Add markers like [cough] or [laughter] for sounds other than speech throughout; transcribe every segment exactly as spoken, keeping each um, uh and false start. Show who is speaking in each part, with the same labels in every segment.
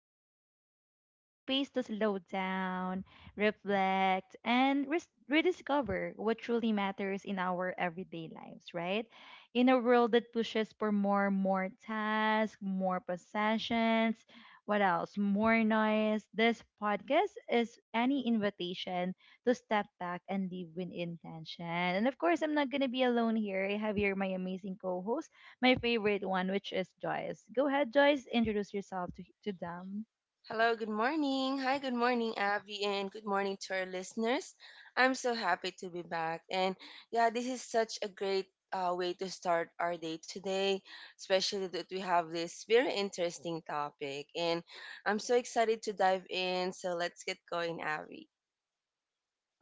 Speaker 1: simple life, a space to slow down, reflect, and res- rediscover what truly matters in our everyday lives, right? In a world that pushes for more, more tasks, more possessions, what else? More noise. This podcast is any invitation to step back and live with intention. And of course, I'm not going to be alone here. I have here my amazing co host, my favorite one, which is Joyce. Go ahead, Joyce, introduce yourself to, to them.
Speaker 2: Hello, good morning. Hi, good morning, Abby, and good morning to our listeners. I'm so happy to be back. And yeah, this is such a great uh, way to start our day today, especially that we have this very interesting topic. And I'm so excited to dive in. So let's get going, Abby.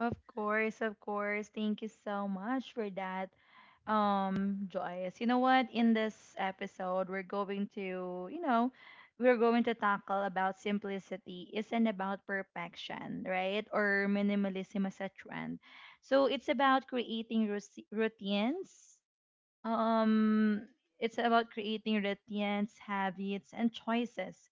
Speaker 1: Of course, of course. Thank you so much for that, um, Joyce. You know what? In this episode, we're going to, you know, we're going to tackle about simplicity isn't about perfection, right? Or minimalism as a trend. So it's about creating rus- routines. Um, it's about creating routines, habits, and choices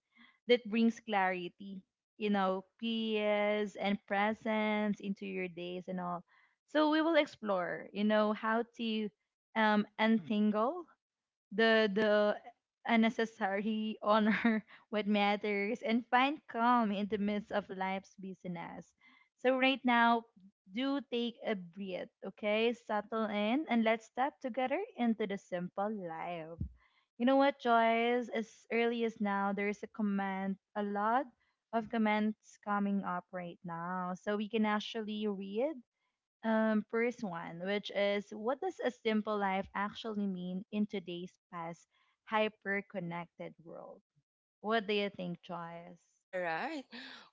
Speaker 1: that brings clarity, you know, peace and presence into your days and all. So we will explore, you know, how to um, untangle the the unnecessary honor [laughs] what matters and find calm in the midst of life's busyness. So right now, do take a breath, okay? Settle in and let's step together into the simple life. You know what, Joyce? As early as now, there's a comment, a lot of comments coming up right now. So we can actually read um, first one, which is what does a simple life actually mean in today's fast, hyper connected world? What do you think, Joyce?
Speaker 2: All right.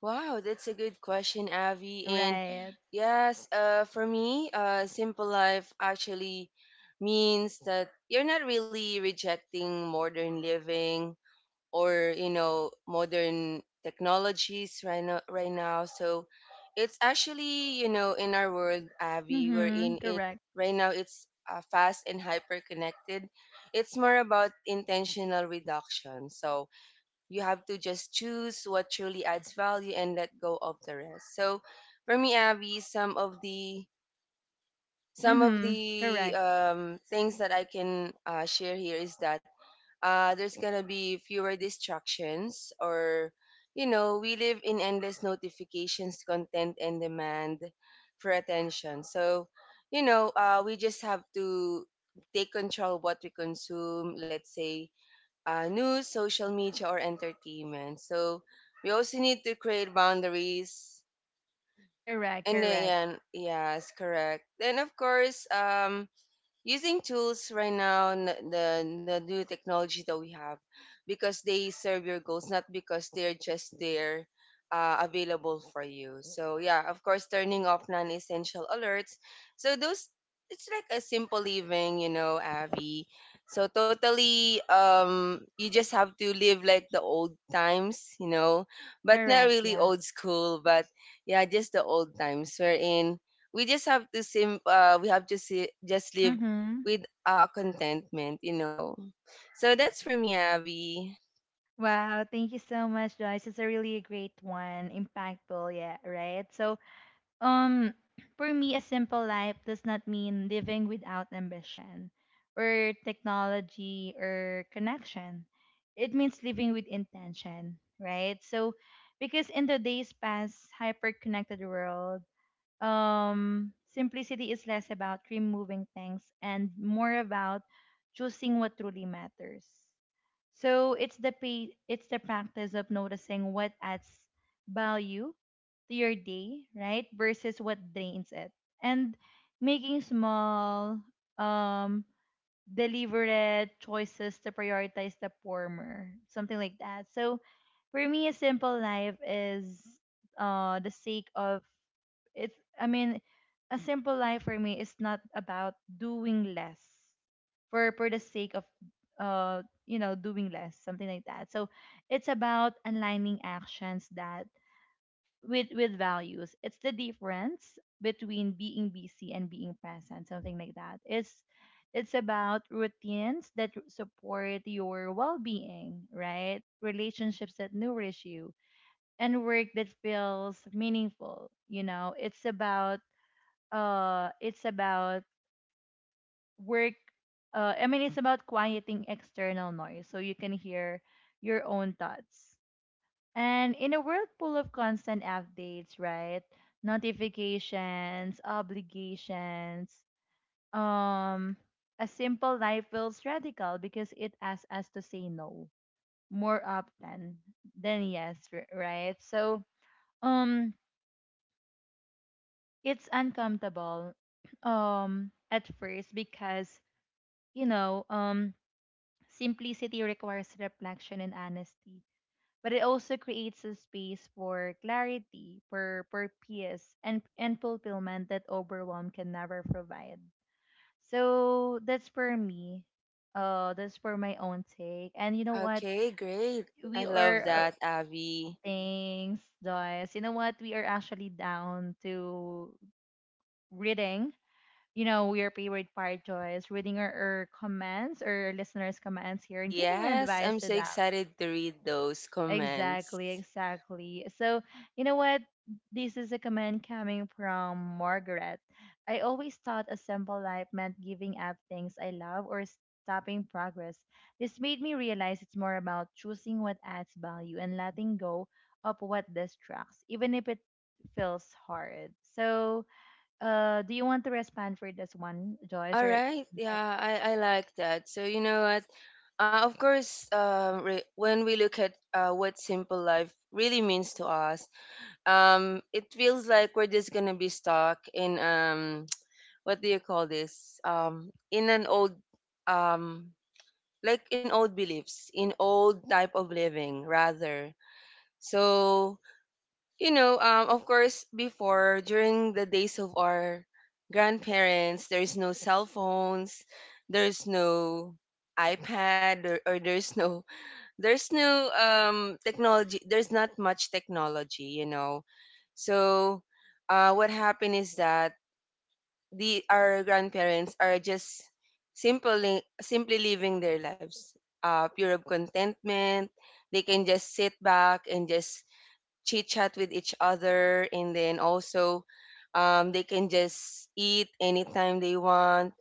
Speaker 2: Wow, that's a good question, Avi. And
Speaker 1: Right.
Speaker 2: yes, uh, for me, uh, simple life actually means that you're not really rejecting modern living, or you know, modern technologies right now. Right now, so it's actually, you know, in our world, Avi, we're
Speaker 1: Mm-hmm.
Speaker 2: in it
Speaker 1: Correct.
Speaker 2: right now. It's uh, fast and hyper connected. It's more about intentional reduction. So you have to just choose what truly adds value and let go of the rest, so for me, Abby, some of the some of
Speaker 1: Mm-hmm.
Speaker 2: the
Speaker 1: Correct.
Speaker 2: um, things that I can uh, share here is that uh, there's gonna be fewer distractions, or you know, we live in endless notifications, content, and demand for attention. So you know, uh, we just have to take control of what we consume, let's say uh, news, social media, or entertainment. So we also need to create boundaries.
Speaker 1: Correct.
Speaker 2: And
Speaker 1: Correct.
Speaker 2: then, yeah, yes, correct. Then of course, um, using tools right now, n- the the new technology that we have, because they serve your goals, not because they're just there uh, available for you. So yeah, of course, turning off non-essential alerts, so those, it's like a simple living, you know, Abby. So totally, um you just have to live like the old times, you know, but not
Speaker 1: Correct.
Speaker 2: really
Speaker 1: Yeah.
Speaker 2: old school, but yeah, just the old times wherein we just have to sim uh, we have to see, just live
Speaker 1: Mm-hmm.
Speaker 2: with uh, contentment, you know. So that's for me, Abby.
Speaker 1: Wow, thank you so much, Joyce. It's a really great one, impactful, yeah, right? So, Um, [clears throat] for me, a simple life does not mean living without ambition or technology or connection. It means living with intention, right? So, because in today's past hyper-connected world, um, simplicity is less about removing things and more about choosing what truly matters. So it's the pa- it's the practice of noticing what adds value to your day, right? Versus what drains it. And making small um deliberate choices to prioritize the former, something like that. So for me a simple life is uh the sake of it's I mean a simple life for me is not about doing less for for the sake of uh you know doing less, something like that. So it's about aligning actions that with with values. It's the difference between being busy and being present, something like that. It's it's about routines that support your well-being, right? Relationships that nourish you and work that feels meaningful, you know. it's about uh it's about work uh, I mean it's about quieting external noise so you can hear your own thoughts. And in a world full of constant updates, right, notifications, obligations, um a simple life feels radical because it asks us to say no more often than yes, r- right. So um it's uncomfortable [clears throat] um at first because, you know, um simplicity requires reflection and honesty, but it also creates a space for clarity, for, for peace, and, and fulfillment that overwhelm can never provide. So that's for me. Uh, that's for my own take. And you know what?
Speaker 2: Okay, great. I
Speaker 1: We
Speaker 2: love
Speaker 1: are uh,
Speaker 2: that, Abby.
Speaker 1: Thanks, Joyce. You know what? We are actually down to reading. You know, your favorite part, Joyce, reading our, our comments or listeners' comments here and giving
Speaker 2: Yes,
Speaker 1: advice
Speaker 2: I'm
Speaker 1: to
Speaker 2: so
Speaker 1: them.
Speaker 2: excited to read those comments.
Speaker 1: Exactly, exactly. So, you know what? This is a comment coming from Margaret. I always thought a simple life meant giving up things I love or stopping progress. This made me realize it's more about choosing what adds value and letting go of what distracts, even if it feels hard. So, uh, do you want to respond for this one, Joyce,
Speaker 2: All
Speaker 1: or?
Speaker 2: right, yeah, I, I like that. So, you know what? Uh, of course, um, re- when we look at uh, what simple life really means to us, um, it feels like we're just gonna be stuck in um, [tsk] what do you call this? Um, in an old, um like in old beliefs, in old type of living rather. So, you know, um, of course, before, during the days of our grandparents, there is no cell phones, there's no iPad, or, or there's no there's no um technology, there's not much technology, you know. So uh what happened is that the our grandparents are just simply simply living their lives, uh pure of contentment. They can just sit back and just chit chat with each other, and then also, um, they can just eat anytime they want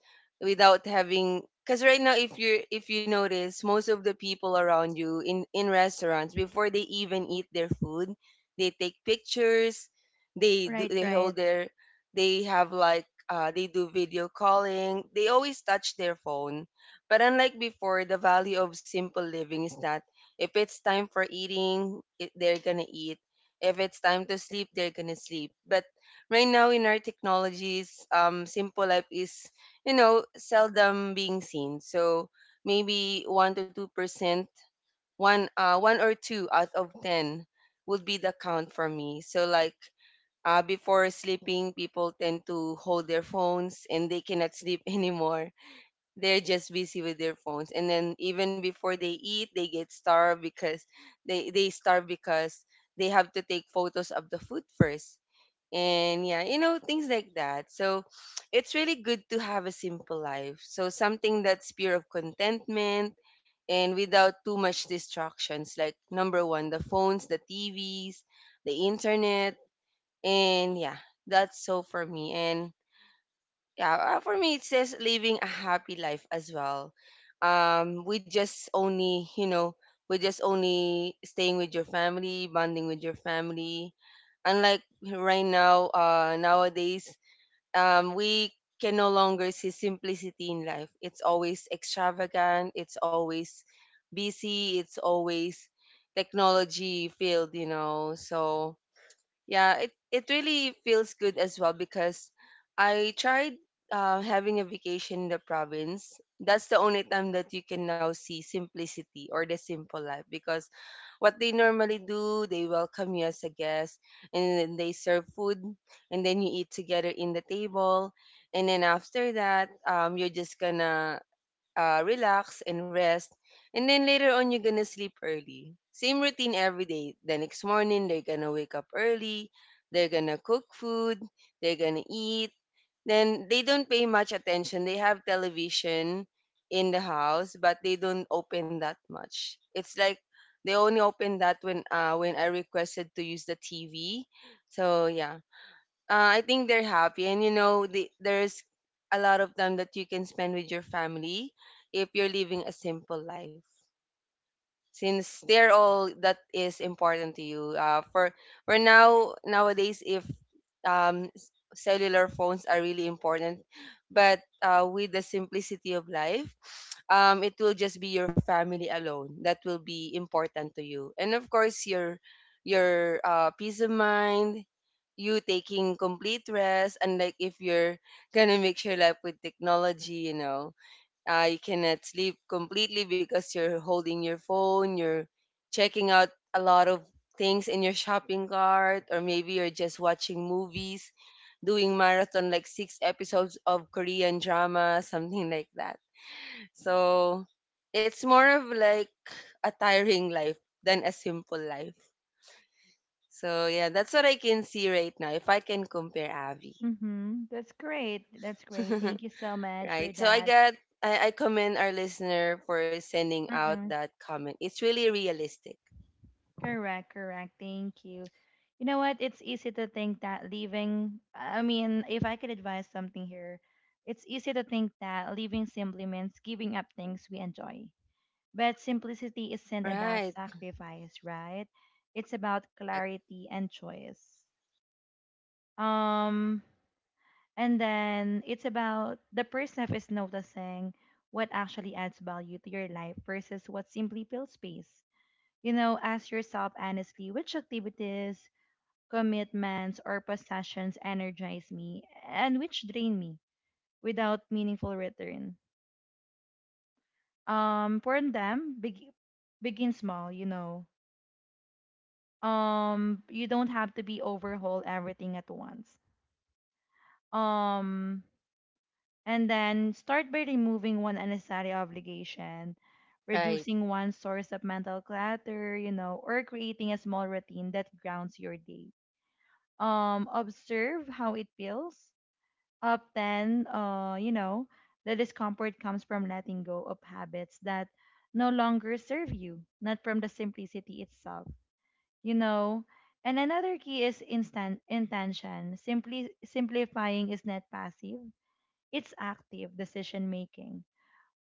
Speaker 2: without having, because right now, if you if you notice, most of the people around you in in restaurants, before they even eat their food, they take pictures, they do,
Speaker 1: Right,
Speaker 2: they hold
Speaker 1: right.
Speaker 2: their they have like uh, they do video calling, they always touch their phone. But unlike before, the value of simple living is that if it's time for eating, it, they're gonna eat. If it's time to sleep, they're gonna sleep. But right now, in our technologies, um, simple life is, you know, seldom being seen. So maybe one to two percent, one uh one or two out of ten would be the count for me. So like uh, before sleeping, people tend to hold their phones, and they cannot sleep [laughs] anymore. They're just busy with their phones. And then even before they eat, they get starved because they they starve, because they have to take photos of the food first. And yeah, you know, things like that, so [tsk] it's really good to have a simple life, so something that's pure of contentment and without too much distractions, like number one the phones, the TVs, the internet, and yeah, that's so for me. And yeah, uh, for me, it says living a happy life as well. um we just only you know we just only staying with your family, bonding with your family, unlike right now, uh nowadays, um we can no longer see simplicity in life. It's always extravagant, it's always busy, it's always technology filled, you know. So yeah, it, it really feels good as well, because I tried uh, having a vacation in the province. That's the only time that you can now see simplicity or the simple life, because what they normally do, they welcome you as a guest, and then they serve food, and then you eat together in the table. And then after that, um, you're just gonna uh, relax and rest. And then later on, you're gonna sleep early. Same routine every day. The next morning, they're gonna wake up early. They're gonna cook food. They're gonna eat. Then they don't pay much attention. They have television in the house, but they don't open that much. It's like they only open that when uh when I requested to use the T V. So yeah, uh, I think they're happy, and you know, the, there's a lot of time that you can spend with your family if you're living a simple life, since they're all that is important to you. Uh, for for now, nowadays, if um, s- cellular phones are really important, but uh, with the simplicity of life, um, it will just be your family alone that will be important to you, and of course your your uh, peace of mind. You taking complete rest, and like if you're gonna mix your life with technology, you know, uh, you cannot sleep completely because you're holding your phone, you're checking out a lot of things in your shopping cart, or maybe you're just watching movies, doing marathon like six episodes of Korean drama, something like that. So it's more of like a tiring life than a simple life. So yeah, that's what I can see right now, if I can compare, Avi.
Speaker 1: Mm-hmm. That's great. That's great.
Speaker 2: [laughs]
Speaker 1: Thank you so much for
Speaker 2: Right. So I
Speaker 1: that.
Speaker 2: got I, I commend our listener for sending out
Speaker 1: Mm-hmm.
Speaker 2: that comment. It's really realistic.
Speaker 1: Correct, correct. Thank you. You know what? It's easy to think that leaving, I mean, if I could advise something here, it's easy to think that leaving simply means giving up things we enjoy. But simplicity isn't about
Speaker 2: Right.
Speaker 1: sacrifice, right? It's about
Speaker 2: Correct.
Speaker 1: clarity and choice. Um, and then it's about the person is noticing what actually adds value to your life versus what simply fills space. You know, ask yourself honestly which activities, commitments, or possessions energize me and which drain me without meaningful return. Um, for them, beg- begin small, you know. Um, you don't have to be overhaul everything at once. Um, and then start by removing one unnecessary obligation,
Speaker 2: Right.
Speaker 1: reducing one source of mental clutter, you know, or creating a small routine that grounds your day. Um, observe how it feels up then uh you know the discomfort comes from letting go of habits that no longer serve you, not from the simplicity itself, you know. And another key is instant intention. Simply simplifying is not passive, it's active decision making.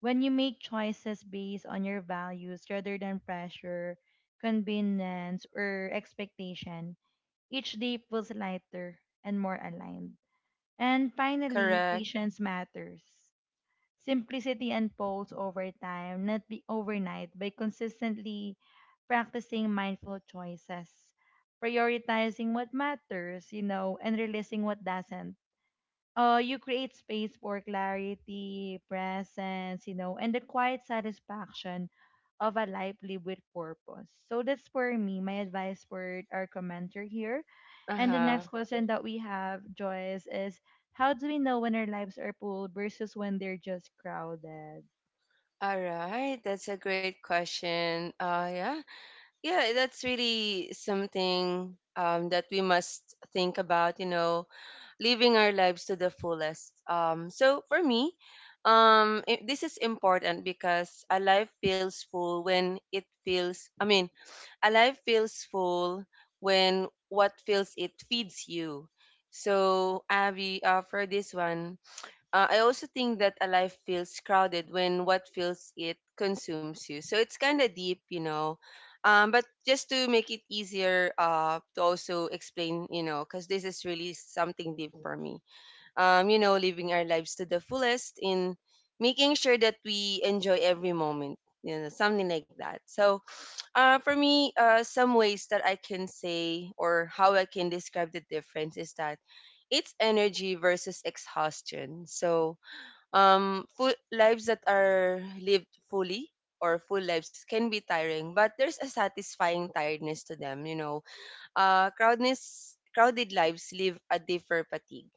Speaker 1: When you make choices based on your values rather than pressure, convenience or expectation, each day feels lighter and more aligned. And finally,
Speaker 2: Correct.
Speaker 1: patience matters. Simplicity unfolds over time, not be overnight, by consistently practicing mindful choices, prioritizing what matters, you know, and releasing what doesn't. Uh, you create space for clarity, presence, you know, and the quiet satisfaction of a life lived with purpose. So that's for me, my advice for our commenter here. And the next
Speaker 2: Uh-huh.
Speaker 1: question that we have, Joyce, is how do we know when our lives are full versus when they're just crowded?
Speaker 2: All right. That's a great question. Uh yeah. Yeah, that's really something um that we must think about, you know, living our lives to the fullest. Um so for me, um i- this is important because a life feels full when, it feels I mean, Alive feels full when what fills it feeds you. So, Avi, uh, for this one, uh, I also think that a life feels crowded when what fills it consumes you. So it's kind of deep, you know. Um, but just to make it easier, uh, to also explain, you know, because this is really something deep for me. Um, you know, living our lives to the fullest, in making sure that we enjoy every moment, you know, something like that. So, uh, for me, uh, some ways that I can say, or how I can describe the difference, is that it's energy versus exhaustion. So, um, full lives that are lived fully, or full lives can be tiring, but there's a satisfying tiredness to them. You know, uh, crowdness, crowded lives live a differ fatigue.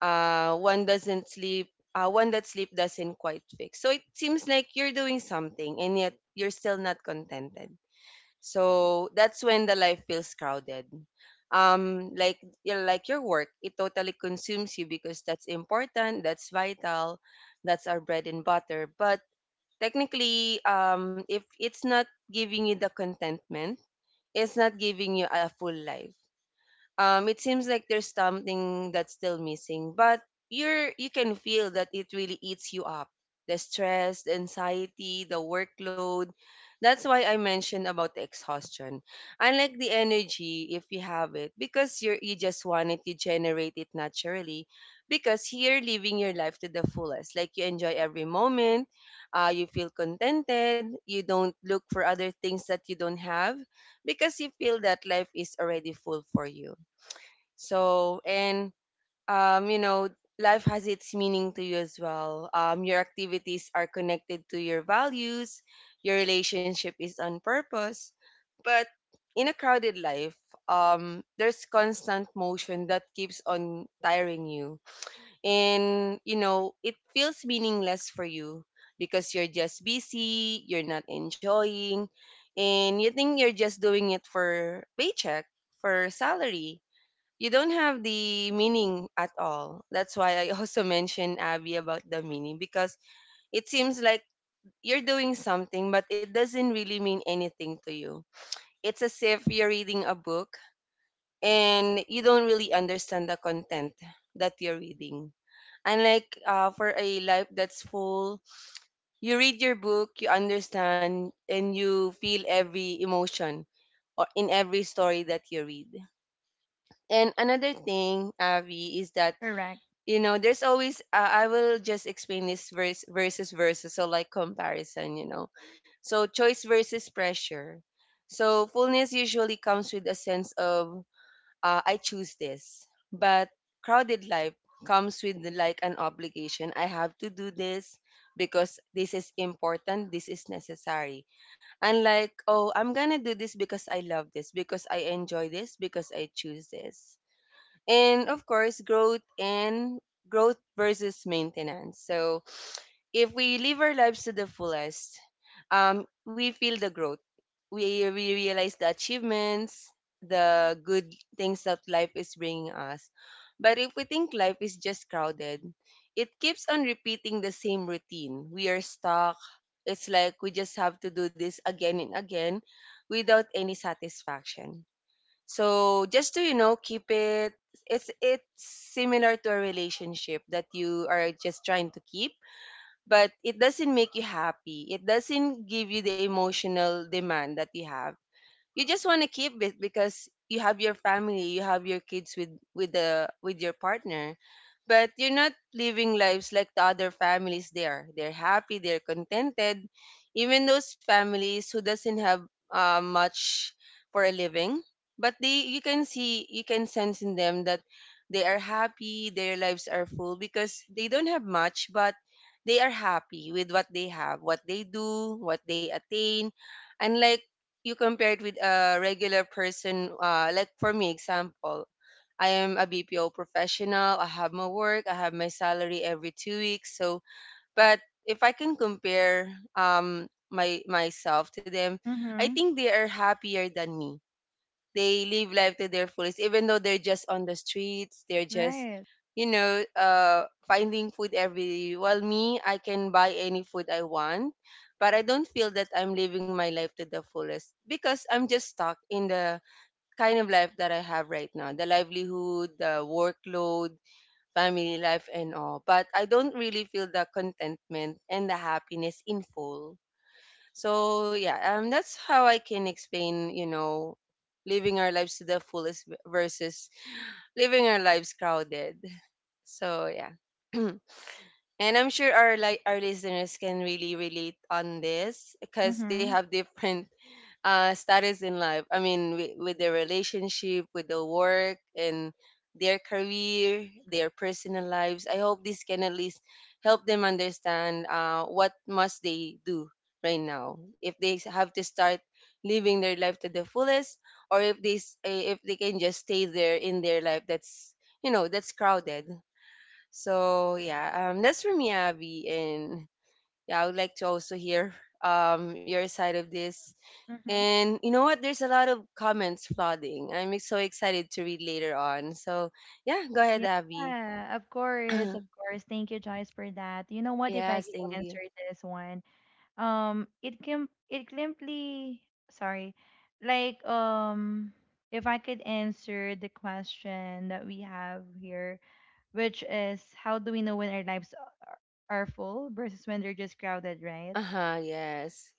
Speaker 2: Uh, one doesn't sleep. Uh, one that sleep doesn't quite fix. So it seems like you're doing something and yet you're still not contented, so that's when the life feels crowded. Um, like you know, like your work, it totally consumes you because that's important, that's vital, that's our bread and butter. But technically, um, if it's not giving you the contentment, it's not giving you a full life. Um, it seems like there's something that's still missing, but you're you can feel that it really eats you up. The stress, the anxiety, the workload. That's why I mentioned about the exhaustion. Unlike the energy, if you have it, because you're you just want it, you generate it naturally. Because you're living your life to the fullest. Like you enjoy every moment, uh, you feel contented, you don't look for other things that you don't have, because you feel that life is already full for you. So, and um, you know, life has its meaning to you as well. Um, your activities are connected to your values, your relationship is on purpose. But in a crowded life, um, there's constant motion that keeps on tiring you. And, you know, it feels meaningless for you because you're just busy, you're not enjoying, and you think you're just doing it for paycheck, for salary, you don't have the meaning at all. That's why I [laughs] also mentioned, Abby, about the meaning, because it seems like you're doing something, but it doesn't really mean anything to you. It's as if you're reading a book and you don't really understand the content that you're reading. Unlike uh, for a life that's full, you read your book, you understand, and you feel every emotion, or in every story that you read. And another thing, Avi, is that
Speaker 1: Correct.
Speaker 2: you know there's always uh, I will just explain this verse versus versus so like comparison, you know so choice versus pressure. So fullness usually comes with a sense of uh, I choose this, but crowded life comes with like an obligation: I have to do this because this is important, this is necessary. And like, oh, I'm gonna do this because I love this, because I enjoy this, because I choose this. And of course growth and growth versus maintenance. So if we live our lives to the fullest, um, we feel the growth, we, we realize the achievements, the good things that life is bringing us. But if we think life is just crowded, it keeps on repeating the same routine, we are stuck. It's like we just have to do this again and again without any satisfaction. So just to you know, keep it. It's it's similar to a relationship that you are just trying to keep, but it doesn't make you happy. It doesn't give you the emotional demand that you have. You just want to keep it because you have your family, you have your kids with with the with your partner, but you're not living lives like the other families. There, they're happy, they're contented. Even those families who doesn't have uh, much for a living, but they, you can see, you can sense in them that they are happy, their lives are full, because they don't have much, but they are happy with what they have, what they do, what they attain. Unlike, you compare it with a regular person, uh, like for me example, I am a B P O professional. I have my work. I have my salary every two weeks. So, but if I can compare um my myself to them, I
Speaker 1: Mm-hmm.
Speaker 2: think they are happier than me. They live life to their fullest, even though they're just on the streets. They're just,
Speaker 1: Right.
Speaker 2: you know, uh, finding food every day. While me, I can buy any food I want, but I don't feel that I'm living my life to the fullest because I'm just stuck in the kind of life that I have right now, the livelihood, the workload, family life, and all. But I don't really feel the contentment and the happiness in full. So yeah, um, that's how I can explain, you know, living our lives to the fullest v- versus living our lives crowded. [laughs] So yeah. [clears throat] And I'm sure our like our listeners can really relate on this because they
Speaker 1: Mm-hmm.
Speaker 2: have different uh status in life, I mean, with, with their relationship, with the work and their career, their personal lives. I hope this can at least help them understand uh, what must they do right now if they have to start living their life to the fullest, or if they s- eh, if they can just stay there in their life that's, you know that's crowded. So yeah, um that's for me, Abby. And yeah, I would like to also hear um, your side of this.
Speaker 1: Mm-hmm.
Speaker 2: And you know what? There's a lot of comments flooding. I'm so excited to read later on. So yeah, go ahead, Abby.
Speaker 1: Yeah, of
Speaker 2: [clears throat]
Speaker 1: course, of course. Thank you, Joyce, for that. You know what? If I
Speaker 2: Yes,
Speaker 1: could
Speaker 2: thank
Speaker 1: answer
Speaker 2: you.
Speaker 1: this one, um, it can it simply sorry, like, um, if I could answer the question that we have here, which is how do we know when our lives are are full versus when they're just crowded, right?
Speaker 2: Uh huh. Yes.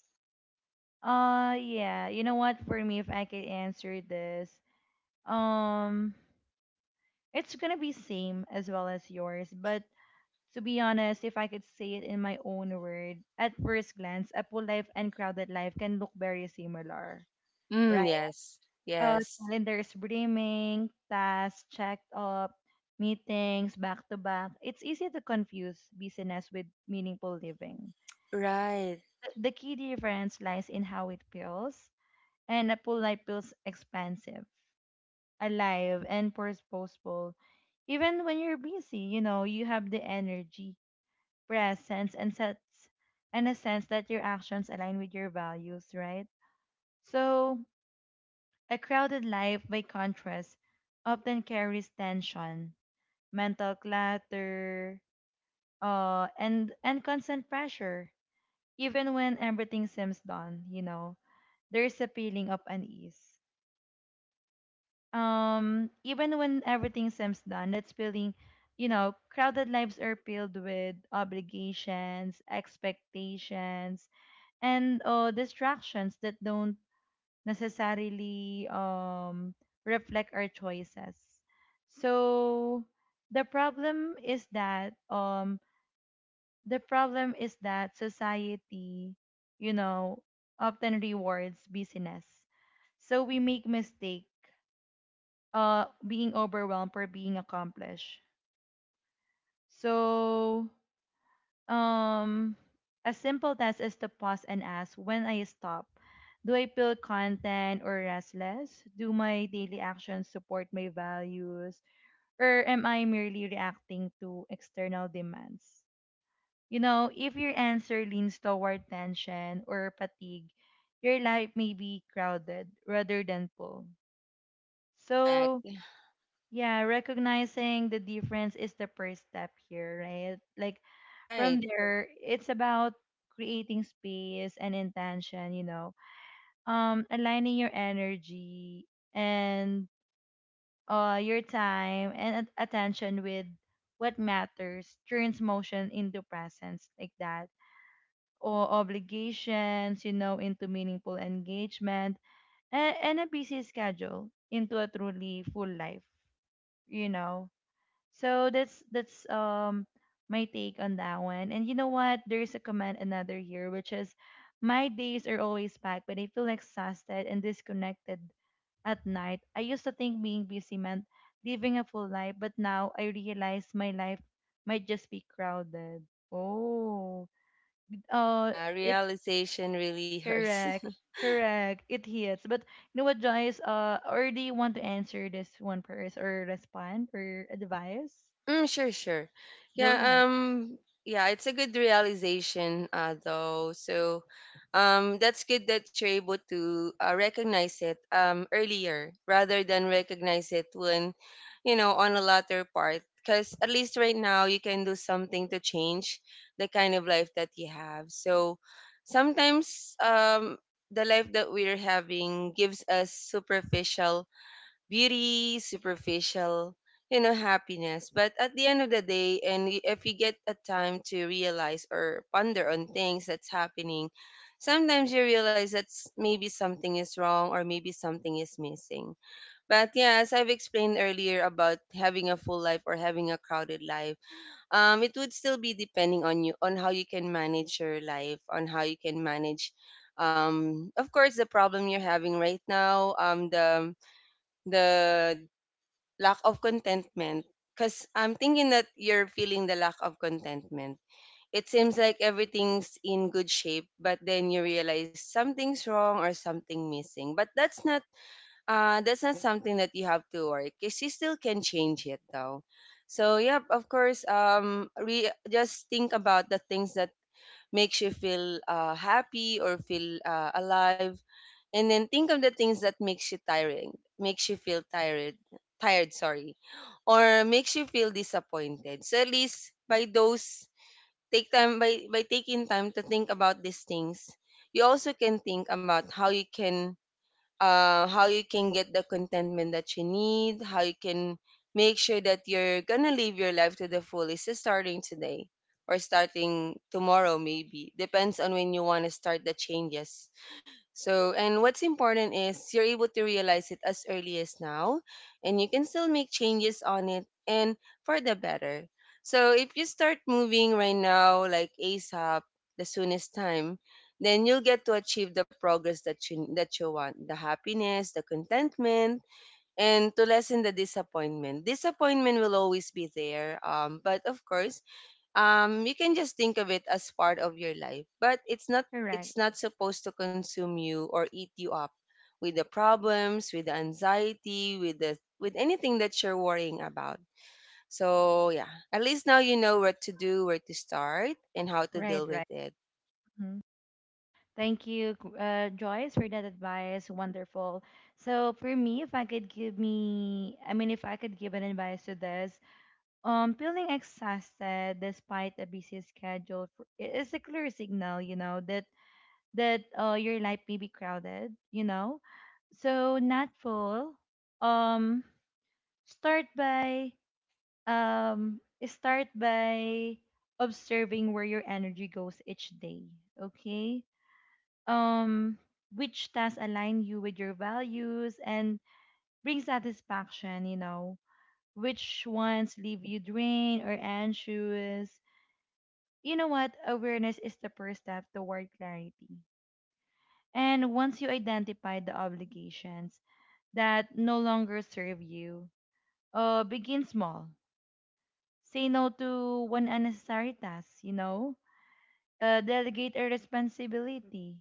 Speaker 1: Uh yeah, you know what? For me, if I could answer this, um, it's gonna be same as well as yours. But to be honest, if I could say it in my own word, at first glance, a full life and crowded life can look very similar,
Speaker 2: Mm.
Speaker 1: right?
Speaker 2: Yes.
Speaker 1: Uh,
Speaker 2: Yes.
Speaker 1: calendars brimming, tasks checked up, meetings back to back. It's easy to confuse busyness with meaningful living.
Speaker 2: Right.
Speaker 1: The, the key difference lies in how it feels, and a full life feels expansive, alive, and purposeful. Even when you're busy, you know, you have the energy, presence, and sets and a sense that your actions align with your values, right? So, a crowded life, by contrast, often carries tension, mental clutter, uh, and and constant pressure, even when everything seems done, you know. There's a feeling of unease. Um, even when everything seems done, that's feeling, you know, crowded lives are filled with obligations, expectations, and uh, distractions that don't necessarily um, reflect our choices. So the problem is that um, the problem is that society, you know, often rewards busyness. So we make mistakes uh being overwhelmed or being accomplished. So um a simple test is to pause and ask when I stop. Do I feel content or restless? Do my daily actions support my values? Or am I merely reacting to external demands? You know, if your answer leans toward tension or fatigue, your life may be crowded rather than full.
Speaker 2: Correct.
Speaker 1: So yeah, recognizing the difference is the first step here, right? Like from
Speaker 2: Right.
Speaker 1: there, it's about creating space and intention, you know, um, aligning your energy and uh, your time and at- attention with what matters, turns motion into presence, like that, or obligations, you know, into meaningful engagement, and, and a busy schedule into a truly full life, you know. So that's that's um my take on that one. And you know what? There's a comment another here which is my days are always packed, but I feel exhausted and disconnected at night. I used to think being busy meant living a full life, but now I realize my life might just be crowded. Oh, uh,
Speaker 2: Uh,
Speaker 1: it's
Speaker 2: realization really [laughs] hurts.
Speaker 1: correct, correct. It hits. But you know what, Joyce? Uh, or do you want to answer this one first, or respond, or advise?
Speaker 2: Mm, sure, sure.
Speaker 1: Go
Speaker 2: Yeah,
Speaker 1: ahead.
Speaker 2: um, yeah, it's a good realization, uh, though. So, um, that's good that you're able to uh, recognize it um earlier rather than recognize it when, you know, on a latter part. Because at least right now you can do something to change the kind of life that you have. So, sometimes um the life that we're having gives us superficial beauty, superficial, you know, happiness. But at the end of the day, and y- if you get a time to realize or ponder on things that's happening, sometimes you realize that s- maybe something is wrong or maybe something is missing. But yeah, as I've explained earlier about having a full life or having a crowded life, um, it would still be depending on you, on how you can manage your life, on how you can manage. Um, of course, the problem you're having right now, um, the the lack of contentment, because I'm thinking that you're feeling the lack of contentment. It seems like everything's in good shape, but then you realize something's wrong or something missing. But that's not, uh that's not something that you have to worry, because you still can change it though. So yep, of course, um re- just think about the things that makes you feel uh happy or feel uh, alive, and then think of the things that makes you tiring, makes you feel tired. Tired, sorry. Or makes you feel disappointed. So at least by those, take time, by by taking time to think about these things, you also can think about how you can, uh how you can get the contentment that you need, how you can make sure that you're gonna live your life to the fullest. So starting today or starting tomorrow, maybe depends on when you want to start the changes. So, and what's important is you're able to realize it as early as now, and you can still make changes on it and for the better. So, if you start moving right now, like ASAP, the soonest time, then you'll get to achieve the progress that you that you want, the happiness, the contentment, and to lessen the disappointment. Disappointment will always be there, um, but of course, um you can just think of it as part of your life, but it's not,
Speaker 1: Correct.
Speaker 2: it's not supposed to consume you or eat you up with the problems, with the anxiety, with the, with anything that you're worrying about. So yeah, at least now you know what to do, where to start, and how to
Speaker 1: Right,
Speaker 2: deal with
Speaker 1: right.
Speaker 2: it.
Speaker 1: Mhm. Thank you, G- uh, Joyce, for that advice. Wonderful. So for me, if I could give me, I mean, if I could give an advice to this, um, feeling exhausted despite a busy schedule for- i- is a clear signal, you know, that that uh, your life may be crowded, you know. So not full. Um, start by um, start by observing where your energy goes each day. Okay, um which tasks align you with your values and bring satisfaction you know Which ones leave you drained or anxious? You know what? Awareness is the first step toward clarity. And once you identify the obligations that no longer serve you, uh begin small. Say no to one unnecessary task you know uh, Delegate a responsibility,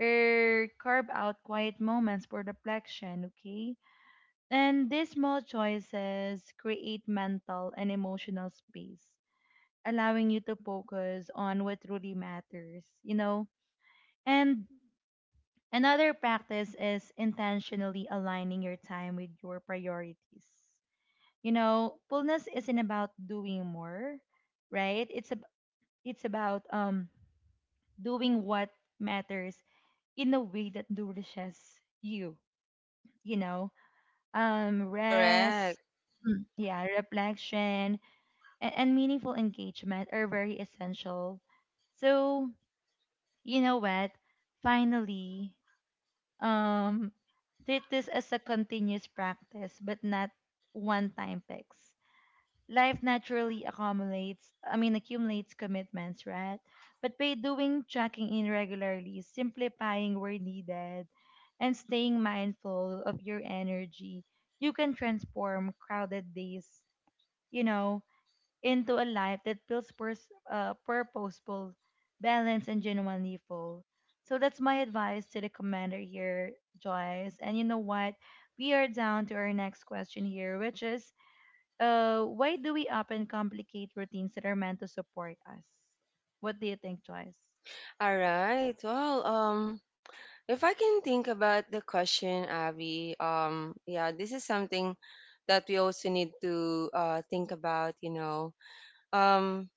Speaker 1: or carve out quiet moments for reflection. Okay. And these small choices create mental and emotional space, allowing you to focus on what truly matters, you know? And another practice is intentionally aligning your time with your priorities. You know, fullness isn't about doing more, right? It's ab- it's about um doing what matters in a way that nourishes you, you know? Um rest,
Speaker 2: Correct.
Speaker 1: Mm, yeah, reflection, and, and meaningful engagement are very essential. So, you know what? Finally, um, treat this as a continuous practice, but not one time fix. Life naturally accumulates, I mean, accumulates commitments, right? But by doing checking in regularly, simplifying where needed, and staying mindful of your energy, you can transform crowded days, you know, into a life that feels pers- uh, purposeful, balanced, and genuinely full. So that's my advice to the commander here, Joyce. And you know what? We are down to our next question here, which is uh, why do we often complicate routines that are meant to support us? What do you think, Joyce?
Speaker 2: All right, well, um if I can think about the question, Abby, um yeah, this is something that we also need to uh, think about, you know. Um,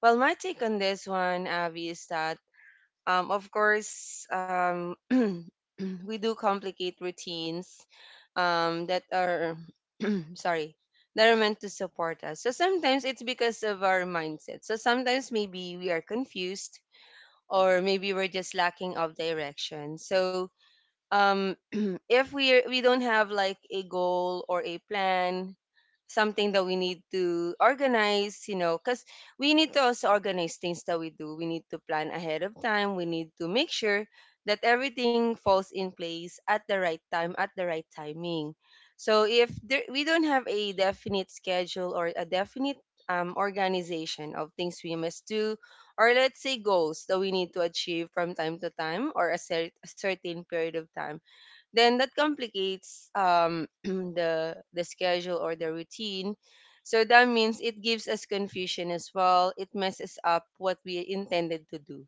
Speaker 2: well, my take on this one, Abby, is that, um, of course, um, [clears throat] we do complicate routines um, that are, [clears throat] sorry, that are meant to support us. So sometimes it's because of our mindset. So sometimes maybe we are confused or maybe we're just lacking of direction. So um, [clears throat] if we we don't have like a goal or a plan, something that we need to organize, you know, because we need to also organize things that we do. We need to plan ahead of time. We need to make sure that everything falls in place at the right time, at the right timing. So if there, we don't have a definite schedule or a definite um, organization of things we must do, or let's say goals that we need to achieve from time to time or a, cer- a certain period of time, then that complicates, um, [clears throat] the the schedule or the routine. So that means it gives us confusion as well, it messes up what we intended to do.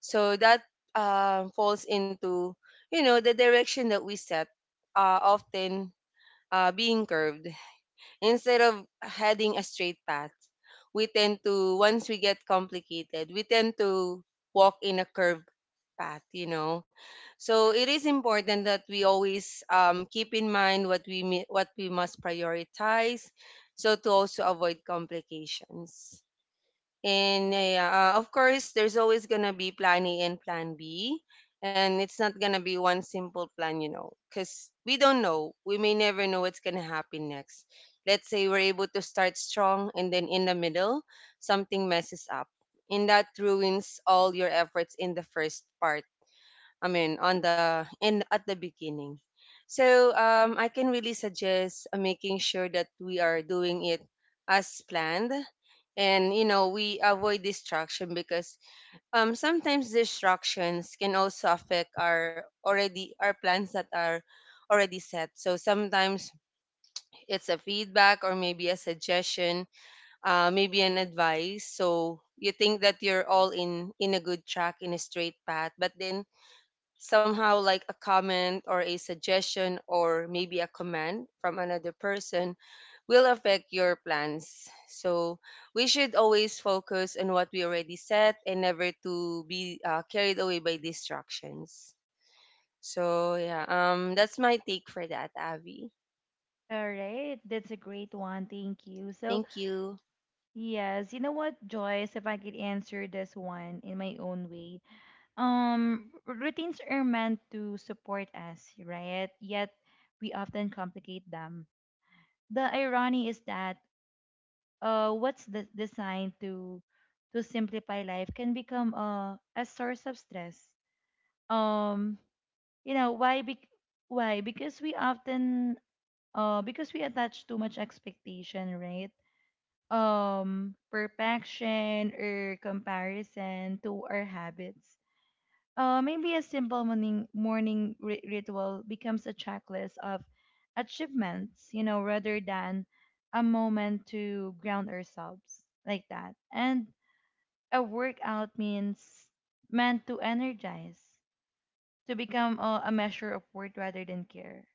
Speaker 2: So that uh, falls into, you know, the direction that we set, uh, often uh, being curved. Instead of heading a straight path, we tend to, once we get complicated, we tend to walk in a curved path, you know. So it is important that we always um, keep in mind what we mi- what we must prioritize, so to also avoid complications. And uh, yeah, uh, of course, there's always gonna be plan A and plan B, and it's not gonna be one simple plan, you know, because we don't know. We may never know what's gonna happen next. Let's say we're able to start strong, and then in the middle, something messes up, and that ruins all your efforts in the first part, I mean, on the in at the beginning. So um, I can really suggest uh, making sure that we are doing it as planned, and you know we avoid distraction because, um, sometimes distractions can also affect our already our plans that are already set. So sometimes it's a feedback or maybe a suggestion, uh, maybe an advice. So you think that you're all in in a good track in a straight path, but then somehow like a comment or a suggestion or maybe a command from another person will affect your plans. So we should always focus on what we already set and never to be uh, carried away by distractions. So yeah, um, that's my take for that, Abby.
Speaker 1: All right, that's a great one. Thank you. So,
Speaker 2: Thank you.
Speaker 1: yes, you know what, Joyce, if I could answer this one in my own way, Um, routines are meant to support us, right? Yet we often complicate them. The irony is that uh, what's de- designed to to simplify life can become a a source of stress. Um, you know why? Bec- why? Because we often uh because we attach too much expectation, right? Um, perfection or comparison to our habits. Uh, maybe a simple morning morning ri ritual becomes a checklist of achievements, you know, rather than a moment to ground ourselves like that. And a workout means meant to energize, to become a, a measure of worth rather than care,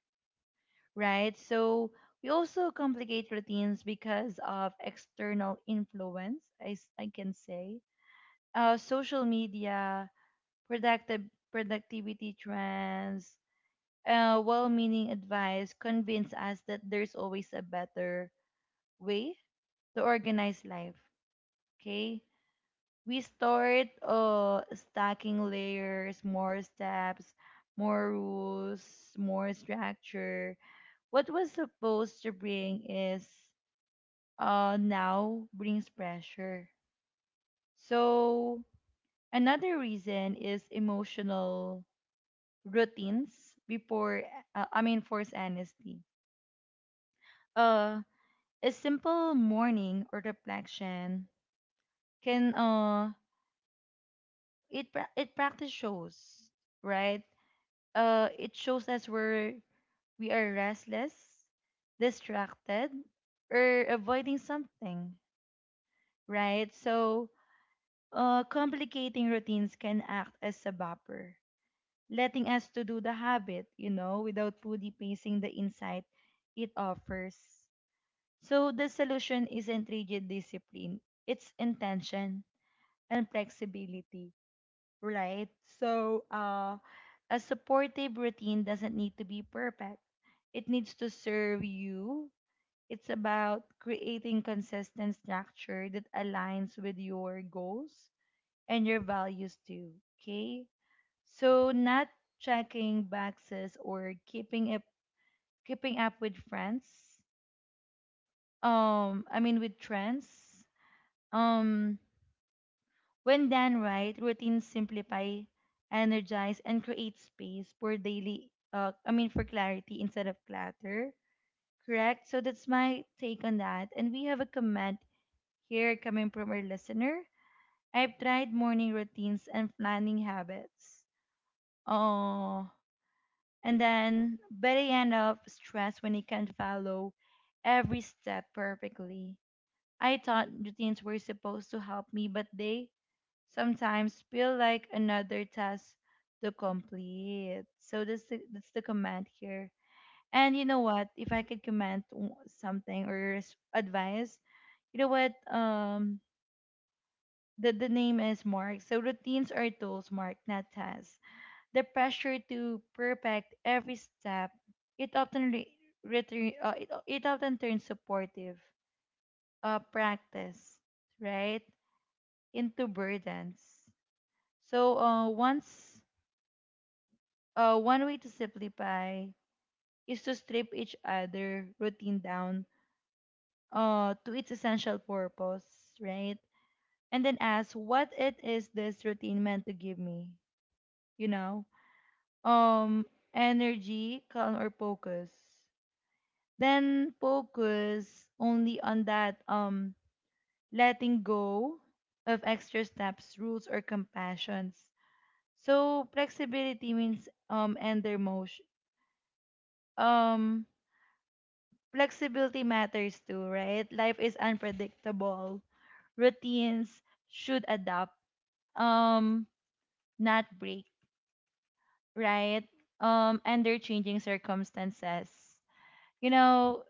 Speaker 1: right? So we also complicate routines because of external influence, I, s- I can say, uh, social media, productive productivity trends, uh, well-meaning advice convince us that there's always a better way to organize life. Okay, we start uh stacking layers, more steps, more rules, more structure. What was supposed to bring is uh now brings pressure. So another reason is emotional routines before uh, I mean, forced honesty. Uh A simple morning or reflection can uh it pra- it practice shows, right? Uh it shows us where we are restless, distracted, or avoiding something, right? So uh complicating routines can act as a buffer, letting us to do the habit, you know, without fully pacing the insight it offers. So the solution isn't rigid discipline, it's intention and flexibility, right? So, uh, a supportive routine doesn't need to be perfect. It needs to serve you. It's about creating consistent structure that aligns with your goals and your values too. Okay? So not checking boxes or keeping up keeping up with friends. Um I mean with trends. Um When done right, routines simplify, energize, and create space for daily, uh, I mean, for clarity instead of clutter. Correct? So that's my take on that. And we have a comment here coming from our listener. I've tried morning routines and planning habits. Oh, and then, but I end up stressed when I can't follow every step perfectly. I thought routines were supposed to help me, but they sometimes feel like another task to complete. So that's the, that's the comment here. And you know what? If I could comment w- something or res- advice, you know what? Um, the, the name is Mark. So routines are tools, Mark, not tasks. The pressure to perfect every step, it often re- return, uh, it, it often turns supportive uh, practice, right, into burdens. So uh, once Uh, one way to simplify is to strip each other routine down, uh, to its essential purpose, right? And then ask what it is this routine meant to give me, you know? Um, energy, calm, or focus. Then focus only on that, um letting go of extra steps, rules, or compassions. So flexibility means um end their motion. Um Flexibility matters too, right? Life is unpredictable. Routines should adapt, um, not break, right? Um, under changing circumstances. You know,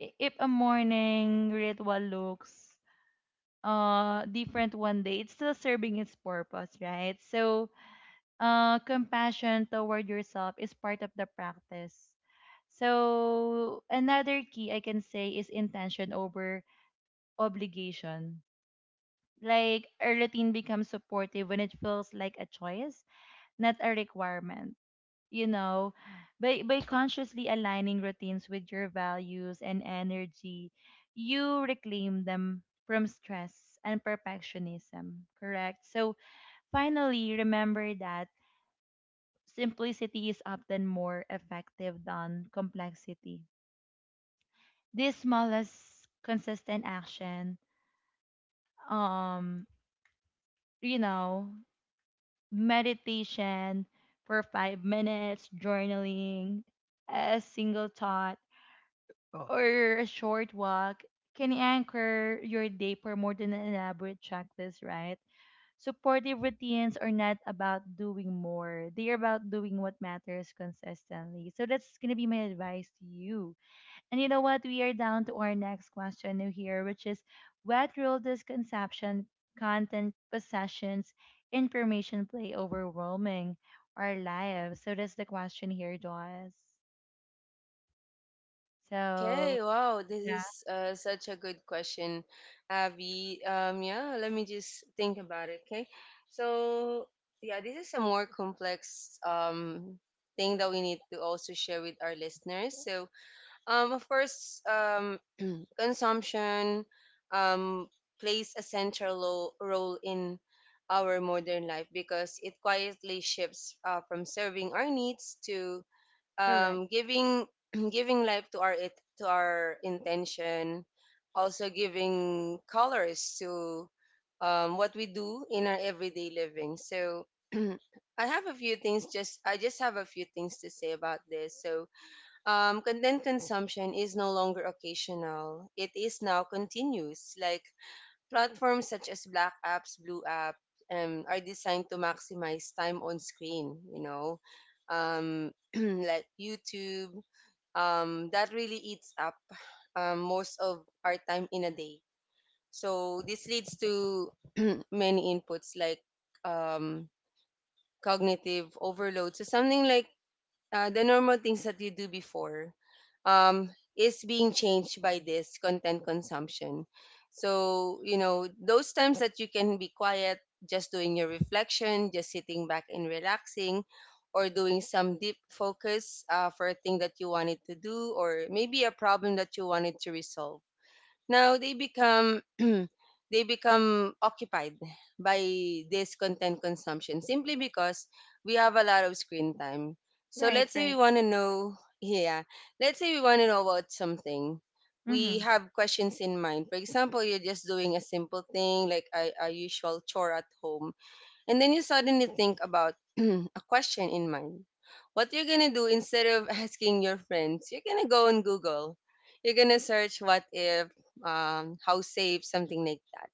Speaker 1: i- if a morning ritual looks uh different one day, it's still serving its purpose, right? So, uh, compassion toward yourself is part of the practice. So another key I can say is intention over obligation. Like a routine becomes supportive when it feels like a choice, not a requirement. You know, by by consciously aligning routines with your values and energy, you reclaim them from stress and perfectionism, correct? So finally, remember that simplicity is often more effective than complexity. This smallest consistent action, um, you know, meditation for five minutes, journaling, a single thought, or a short walk can anchor your day for more than an elaborate checklist, right? Supportive routines are not about doing more. They are about doing what matters consistently. So that's gonna be my advice to you. And you know what? We are down to our next question here, which is what role does conception, content, possessions, information play overwhelming our lives? So that's the question here, Joyce. So
Speaker 2: Okay, wow, this
Speaker 1: yeah.
Speaker 2: is uh, such a good question, Abby. Um, yeah, let me just think about it, okay? So, yeah, this is a more complex um, thing that we need to also share with our listeners. So, um, of course, um, [clears throat] consumption um, plays a central lo- role in our modern life because it quietly shifts uh, from serving our needs to
Speaker 1: Correct.
Speaker 2: um, giving [clears throat] giving life to our it to our intention, also giving colors to um, what we do in our everyday living. So [clears throat] I have a few things just I just have a few things to say about this. So um, content consumption is no longer occasional; it is now continuous. Like platforms such as Black Apps, Blue App, um, are designed to maximize time on screen, you know, um, [clears throat] like YouTube. Um, that really eats up um, most of our time in a day. So this leads to [clears throat] many inputs like um, cognitive overload. So something like uh, the normal things that you do before um, is being changed by this content consumption. So, you know, those times that you can be quiet, just doing your reflection, just sitting back and relaxing, or doing some deep focus uh, for a thing that you wanted to do, or maybe a problem that you wanted to resolve, now they become [clears throat] they become occupied by this content consumption simply because we have a lot of screen time. So
Speaker 1: Right,
Speaker 2: let's say we
Speaker 1: right.
Speaker 2: want to know, yeah, let's say we want to know about something. We
Speaker 1: Mm-hmm.
Speaker 2: have questions in mind. For example, you're just doing a simple thing like a, a usual chore at home, and then you suddenly think about [clears throat] a question in mind. What you're gonna do, instead of asking your friends, you're gonna go on Google. You're gonna search what if, um, how safe, something like that.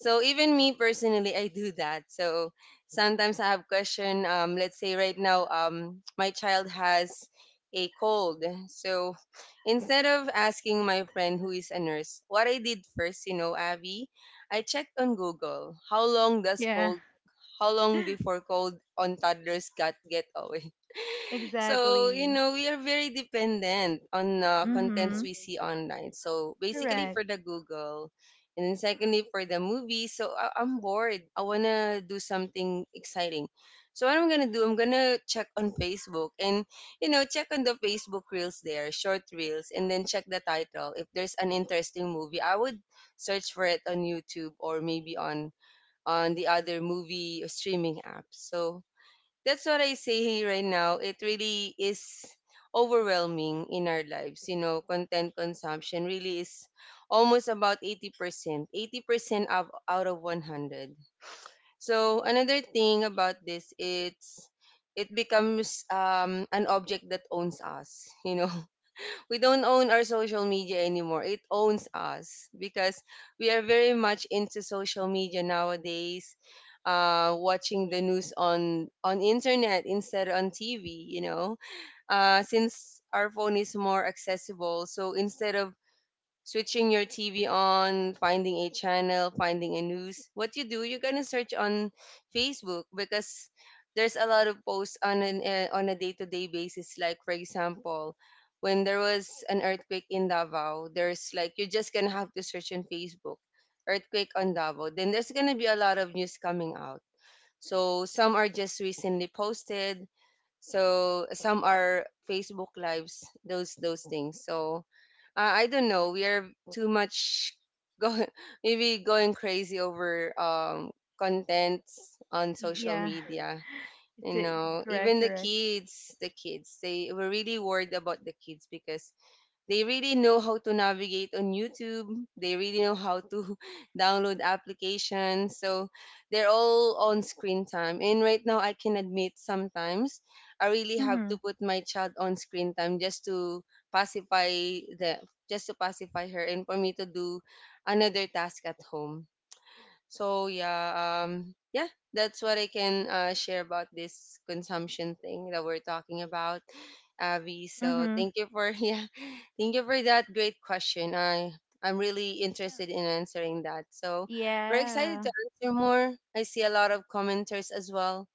Speaker 2: So even me personally, I do that. So sometimes I have question. Um, let's say right now, um, my child has a cold. So instead of asking my friend who is a nurse, what I did first, you know, Abby, I checked on Google how long does
Speaker 1: Yeah,
Speaker 2: cold how long
Speaker 1: [laughs]
Speaker 2: before cold on toddlers got get away? [laughs] So, you
Speaker 1: exactly.
Speaker 2: know, we are very dependent on uh, contents
Speaker 1: Mm-hmm.
Speaker 2: we see online. So, basically
Speaker 1: Correct.
Speaker 2: for the Google, and then secondly for the movies. So, I- I'm bored. I want to do something exciting. So, what I'm going to do, I'm going to check on Facebook and, you know, check on the Facebook reels there, short reels, and then check the title. If there's an interesting movie, I would search for it on YouTube or maybe on on the other movie uh, streaming apps. So that's what I say right now. It really is overwhelming in our lives. You know, content consumption really is almost about eighty percent, eighty percent of, out of one hundred. So another thing about this, it's it becomes um, an object that owns us. You know, we don't own our social media anymore. It owns us because we are very much into social media nowadays. Uh, watching the news on on internet instead on T V, you know, uh, since our phone is more accessible. So instead of switching your T V on, finding a channel, finding a news. What you do, you're gonna search on Facebook because there's a lot of posts on an uh, on a day-to-day basis. Like for example, when there was an earthquake in Davao, there's like you're just gonna have to search on Facebook, earthquake on Davao. Then there's gonna be a lot of news coming out, so some are just recently posted. So some are Facebook lives. Those those things. So uh, I don't know. We are too much going [laughs] maybe going crazy over um contents on social
Speaker 1: Yeah.
Speaker 2: media. You
Speaker 1: It's a-
Speaker 2: know,
Speaker 1: Correct,
Speaker 2: even the
Speaker 1: correct.
Speaker 2: kids, the kids, they were really worried about the kids because they really know how to navigate on YouTube. They really know how to [laughs] download applications. So they're all on screen time. And right now, I can admit sometimes I really have
Speaker 1: Mm-hmm.
Speaker 2: to put my child on screen time just to pacify the just to pacify her and for me to do another task at home. So yeah, um, yeah, that's what I can uh, share about this consumption thing that we're talking about, Abby. So
Speaker 1: Mm-hmm.
Speaker 2: thank you for [laughs] yeah, thank you for that great question. I I'm really interested in answering that. So we're excited
Speaker 1: Yeah.
Speaker 2: to answer more. I see a lot of commenters as well.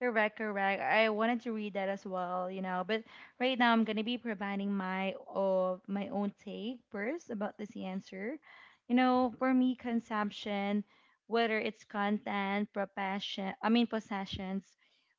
Speaker 1: Correct, correct. I wanted to read that as well, you know, but right now I'm gonna be providing my of my own take first about this answer. You know, for me, consumption, whether it's content, profession, I mean, possessions,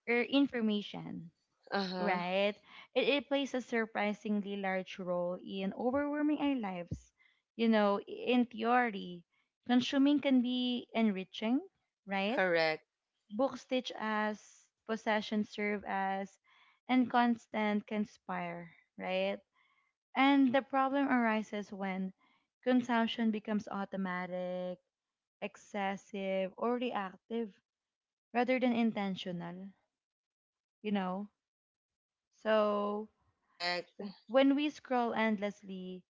Speaker 1: or information,
Speaker 2: Uh huh.
Speaker 1: right? It, it plays a surprisingly large role in overwhelming our lives. You know, in theory, consuming can be enriching, right?
Speaker 2: Correct.
Speaker 1: Book stitch as, possession serve as, and constant conspire, right? And the problem arises when consumption becomes automatic, excessive, or reactive rather than intentional, you know? So
Speaker 2: Correct.
Speaker 1: when we scroll endlessly,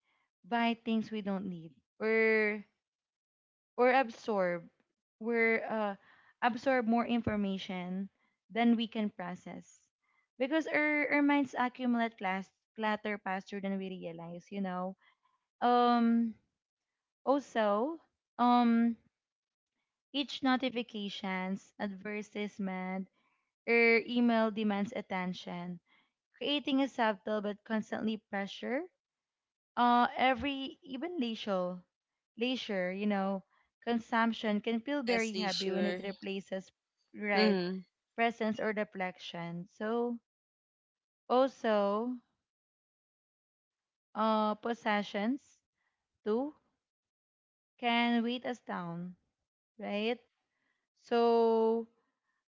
Speaker 1: buy things we don't need, or or absorb we're uh, absorb more information than we can process, because our, our minds accumulate class, clutter faster than we realize you know um also um each notifications advertisement or email demands attention, creating a subtle but constantly pressure. Uh, every even leisure, leisure, you know, consumption can feel
Speaker 2: Yes,
Speaker 1: very
Speaker 2: Lee,
Speaker 1: heavy when it
Speaker 2: sure.
Speaker 1: replaces right
Speaker 2: Mm.
Speaker 1: presence or reflection. So also, uh, possessions too can weight us down, right? So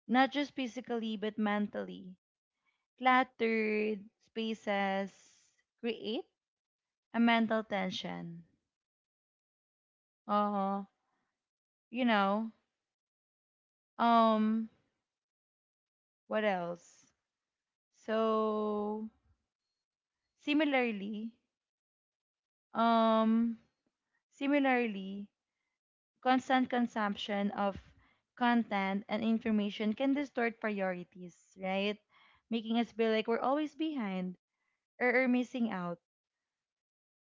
Speaker 1: not just physically but mentally, cluttered spaces create a mental tension. Uh, you know, um, what else? So, similarly, um, similarly, constant consumption of content and information can distort priorities, right? Making us feel like we're always behind, or, or missing out.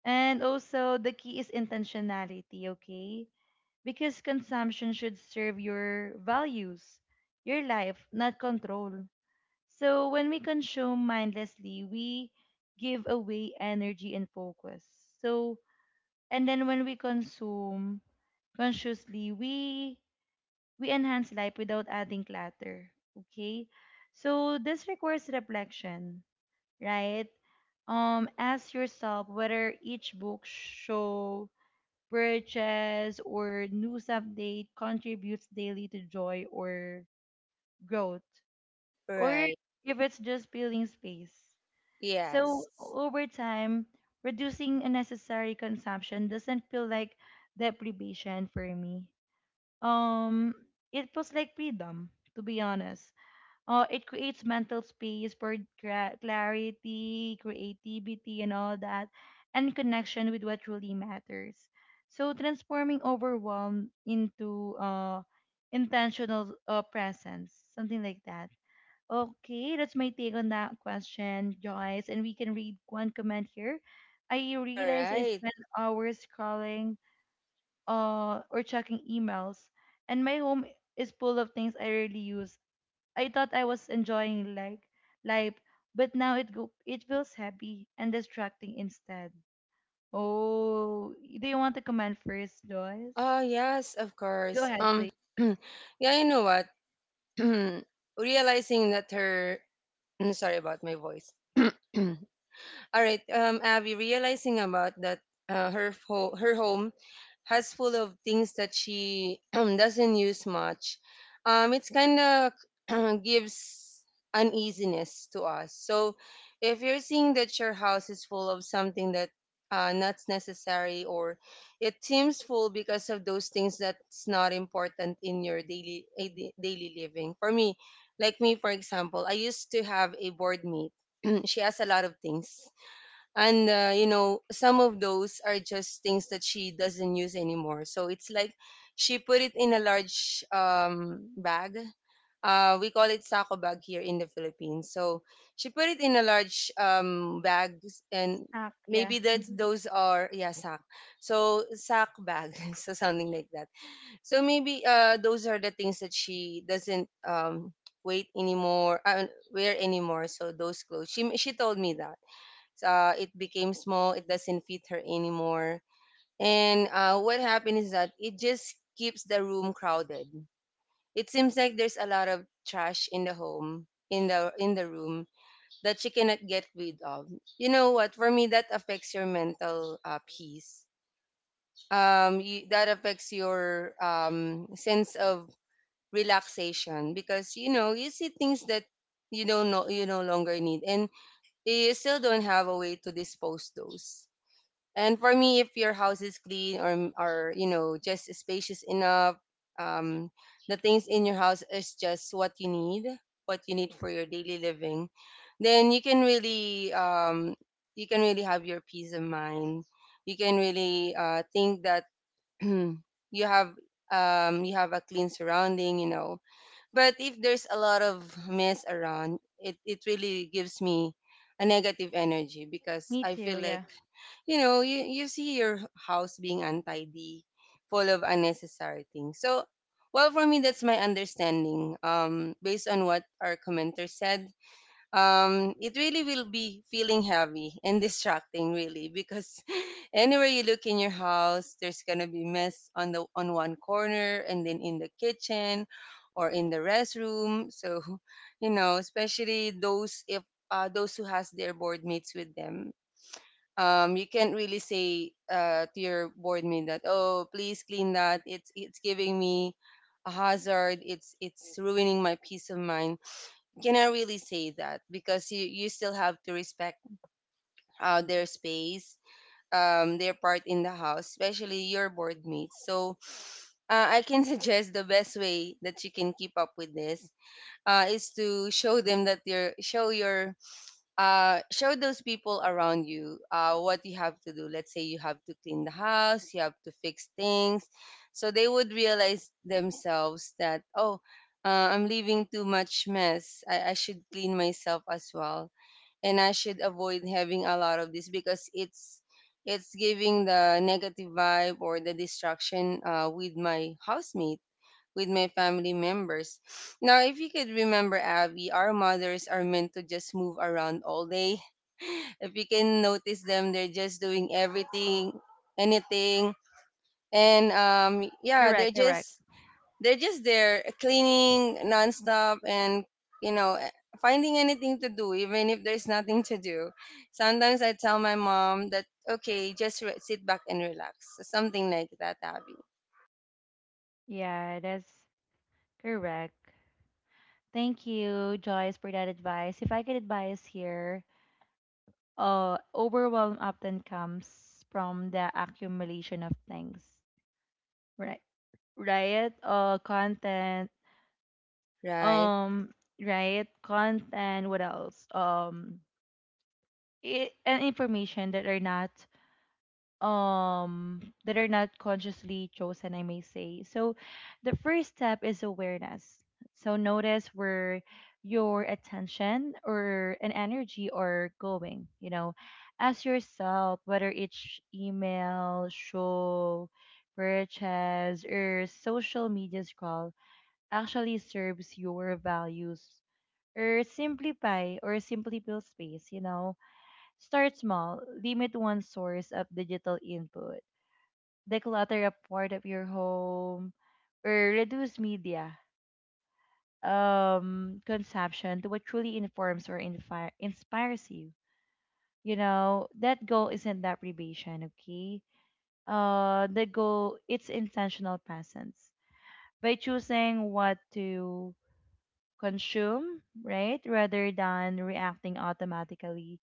Speaker 1: And also, the key is intentionality, okay? Because consumption should serve your values, your life, not control. So when we consume mindlessly, we give away energy and focus. So, and then when we consume consciously, we we enhance life without adding clutter. Okay? So this requires reflection, right? Um ask yourself whether each book show purchase or news update contributes daily to joy or growth, or
Speaker 2: Right.
Speaker 1: if it's just filling space. So
Speaker 2: Yes.
Speaker 1: over time, reducing unnecessary consumption doesn't feel like deprivation for me. Um, it feels like freedom, to be honest. Uh, it creates mental space for cra- clarity, creativity, and all that, and connection with what truly matters. So transforming overwhelm into uh, intentional uh, presence, something like that. Okay, that's my take on that question, Joyce. And we can read one comment here. I
Speaker 2: All
Speaker 1: realize I
Speaker 2: right.
Speaker 1: spend hours scrolling uh, or checking emails, and my home is full of things I rarely use. I thought I was enjoying like life, but now it go it feels heavy and distracting instead. Oh, do you want to comment first, Joyce?
Speaker 2: Oh yes, of
Speaker 1: Go
Speaker 2: course.
Speaker 1: ahead, please.
Speaker 2: Um. [clears throat] Yeah, you know what? [clears throat] realizing that her I'm sorry about my voice. [clears throat] All right, um, Abby, realizing about that, uh, her ho- her home has full of things that she [clears throat] doesn't use much. Um, it's kind of [clears throat] gives uneasiness to us. So, if you're seeing that your house is full of something that uh, not's necessary, or it seems full because of those things that's not important in your daily eh, da- daily living. For me, like me, for example, I used to have a board meet. [clears throat] She has a lot of things, and uh, you know, some of those are just things that she doesn't use anymore, so it's like she put it in a large um, bag. Uh, we call it sako bag here in the Philippines, so she put it in a large um, bag, and
Speaker 1: Ah, yeah,
Speaker 2: maybe that's those are, yeah, sack, so sack bag. [laughs] So something like that. So maybe uh, those are the things that she doesn't um, wait anymore, uh, wear anymore. So those clothes, she she told me that uh, it became small, it doesn't fit her anymore. And uh, what happened is that it just keeps the room crowded. It seems like there's a lot of trash in the home, in the in the room that she cannot get rid of. You know what, for me, that affects your mental uh, peace. um you, that affects your um sense of relaxation, because you know, you see things that you don't know you no longer need, and you still don't have a way to dispose those. And for me, if your house is clean, or or you know, just spacious enough, um, the things in your house is just what you need, what you need for your daily living, then you can really um, you can really have your peace of mind. You can really uh, think that [clears throat] you have um, you have a clean surrounding, you know, but if there's a lot of mess around, it, it really gives me a negative energy because
Speaker 1: me
Speaker 2: I
Speaker 1: too.
Speaker 2: feel like,
Speaker 1: Yeah,
Speaker 2: you know, you, you see your house being untidy, full of unnecessary things. So, well, for me, that's my understanding um, based on what our commenter said. Um, it really will be feeling heavy and distracting, really, because [laughs] anywhere you look in your house, there's gonna be mess on the on one corner, and then in the kitchen, or in the restroom. So, [laughs] you know, especially those, if uh, those who has their board mates with them. Um, you can't really say uh, to your board mate that, oh, please clean that. It's it's giving me a hazard. It's it's ruining my peace of mind. Cannot really say that because you you still have to respect uh, their space, um, their part in the house, especially your board mates. So, uh, I can [laughs] suggest the best way that you can keep up with this uh, is to show them that your show your uh, show those people around you uh, what you have to do. Let's say you have to clean the house, you have to fix things. So they would realize themselves that, oh, uh, I'm leaving too much mess. I, I should clean myself as well. And I should avoid having a lot of this because it's it's giving the negative vibe or the distraction uh, with my housemate, with my family members. Now, if you could remember, Abby, our mothers are meant to just move around all day. [laughs] If you can notice them, they're just doing everything, anything, and um, yeah, they're
Speaker 1: correct, correct.
Speaker 2: just they're just there cleaning nonstop, and you know eh, finding anything to do even if there's nothing to do. Sometimes I tell my mom that, okay, just re- sit back and relax, something like that, Abby.
Speaker 1: Yeah, that's correct. Thank you, Joyce, for that advice. If I could advise here, uh, overwhelm often comes from the accumulation of things, right? Right? Uh, content.
Speaker 2: Right.
Speaker 1: Um, right? Content. What else? Um, it, and information that are not um that are not consciously chosen, I may say. So the first step is awareness. So notice where your attention or an energy are going you know Ask yourself whether it's email show purchase or social media scroll actually serves your values, or simplify or simply build space you know Start small. Limit one source of digital input. Declutter a part of your home, or reduce media um consumption to what truly informs or infi- inspires you. You know that goal isn't that privation. Okay? uh the goal, it's intentional presence. By choosing what to consume, right, rather than reacting automatically,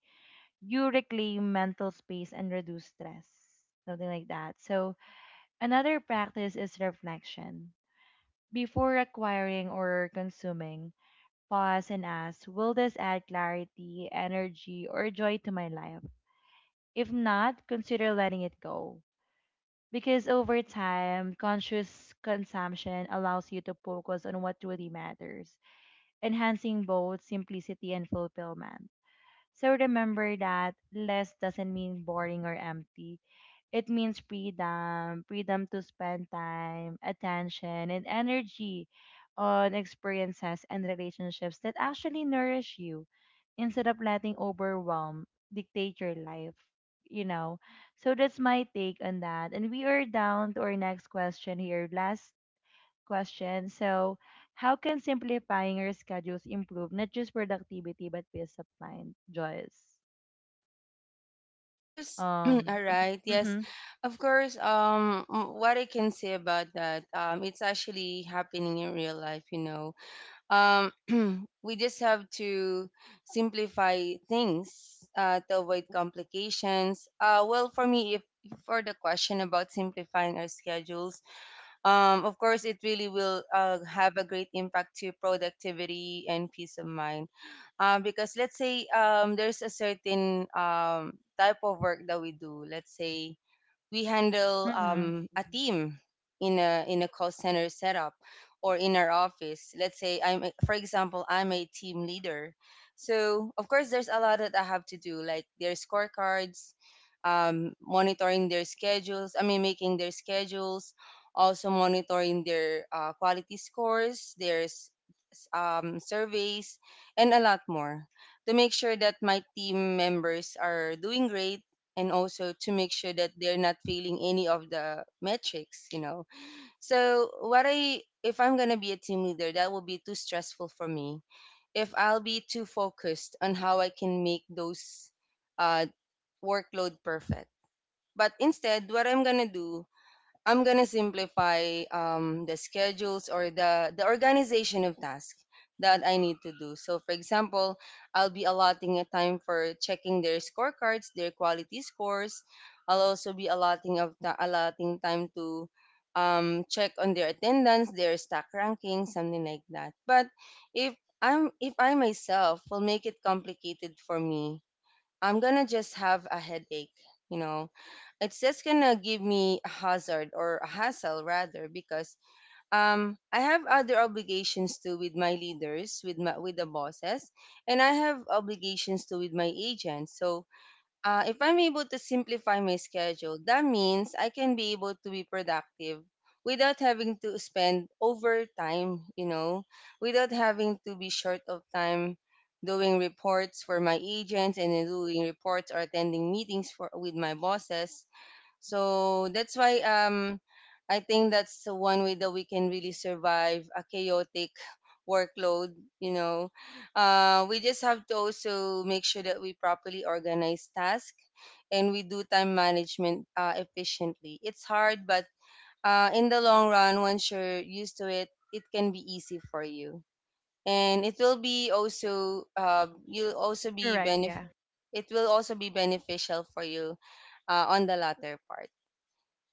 Speaker 1: you reclaim mental space and reduce stress, something like that. So another practice is reflection. Before acquiring or consuming, pause and ask, will this add clarity, energy, or joy to my life? If not, consider letting it go. Because over time, conscious consumption allows you to focus on what truly matters, enhancing both simplicity and fulfillment. So remember that less doesn't mean boring or empty. It means freedom, freedom to spend time, attention, and energy on experiences and relationships that actually nourish you, instead of letting overwhelm dictate your life, you know. So that's my take on that. And we are down to our next question here, last question. So, how can simplifying your schedules improve not just productivity but peace of mind, Joyce?
Speaker 2: Course, [clears throat]
Speaker 1: Um,
Speaker 2: all right. Yes,
Speaker 1: mm-hmm,
Speaker 2: of course. Um, m- what I can say about that, um, it's actually happening in real life. You know, um, [clears throat] we just have to simplify things uh, to avoid complications. Uh, well, for me, if for the question about simplifying our schedules, um, of course it really will uh, have a great impact to productivity and peace of mind um, because let's say um, there's a certain um, type of work that we do, let's say we handle
Speaker 1: hmm.
Speaker 2: um, a team in a in a call center setup or in our office. Let's say i'm a- for example, I'm a team leader, so of course there's a lot that I have to do, like their scorecards, um, monitoring their schedules, i mean making their schedules, also monitoring their uh, quality scores, their um, surveys, and a lot more, to make sure that my team members are doing great and also to make sure that they're not failing any of the metrics, you know. So, what I if I'm going to be a team leader, that will be too stressful for me if I'll be too focused on how I can make those uh, workload perfect. But instead, what I'm gonna do, I'm gonna simplify um, the schedules or the the organization of tasks that I need to do. So, for example, I'll be allotting a time for checking their scorecards, their quality scores. I'll also be allotting of the, allotting time to um, check on their attendance, their stack ranking, something like that. But if I'm if I myself will make it complicated for me, I'm gonna just have a headache. You know, it's just gonna give me a hazard or a hassle rather, because um I have other obligations too with my leaders, with my with the bosses, and I have obligations too with my agents. So uh, if I'm able to simplify my schedule, that means I can be able to be productive without having to spend overtime, you know, without having to be short of time doing reports for my agents and then doing reports or attending meetings for with my bosses. So that's why um I think that's the one way that we can really survive a chaotic [laughs] workload, you know. Uh, we just have to also make sure that we properly organize tasks and we do time management uh, efficiently. It's hard, but uh, in the long run, once you're used to it, it can be easy for you. And it will be also uh, you'll also be
Speaker 1: Correct,
Speaker 2: benef-
Speaker 1: yeah.
Speaker 2: it will also be beneficial for you uh, on the latter part.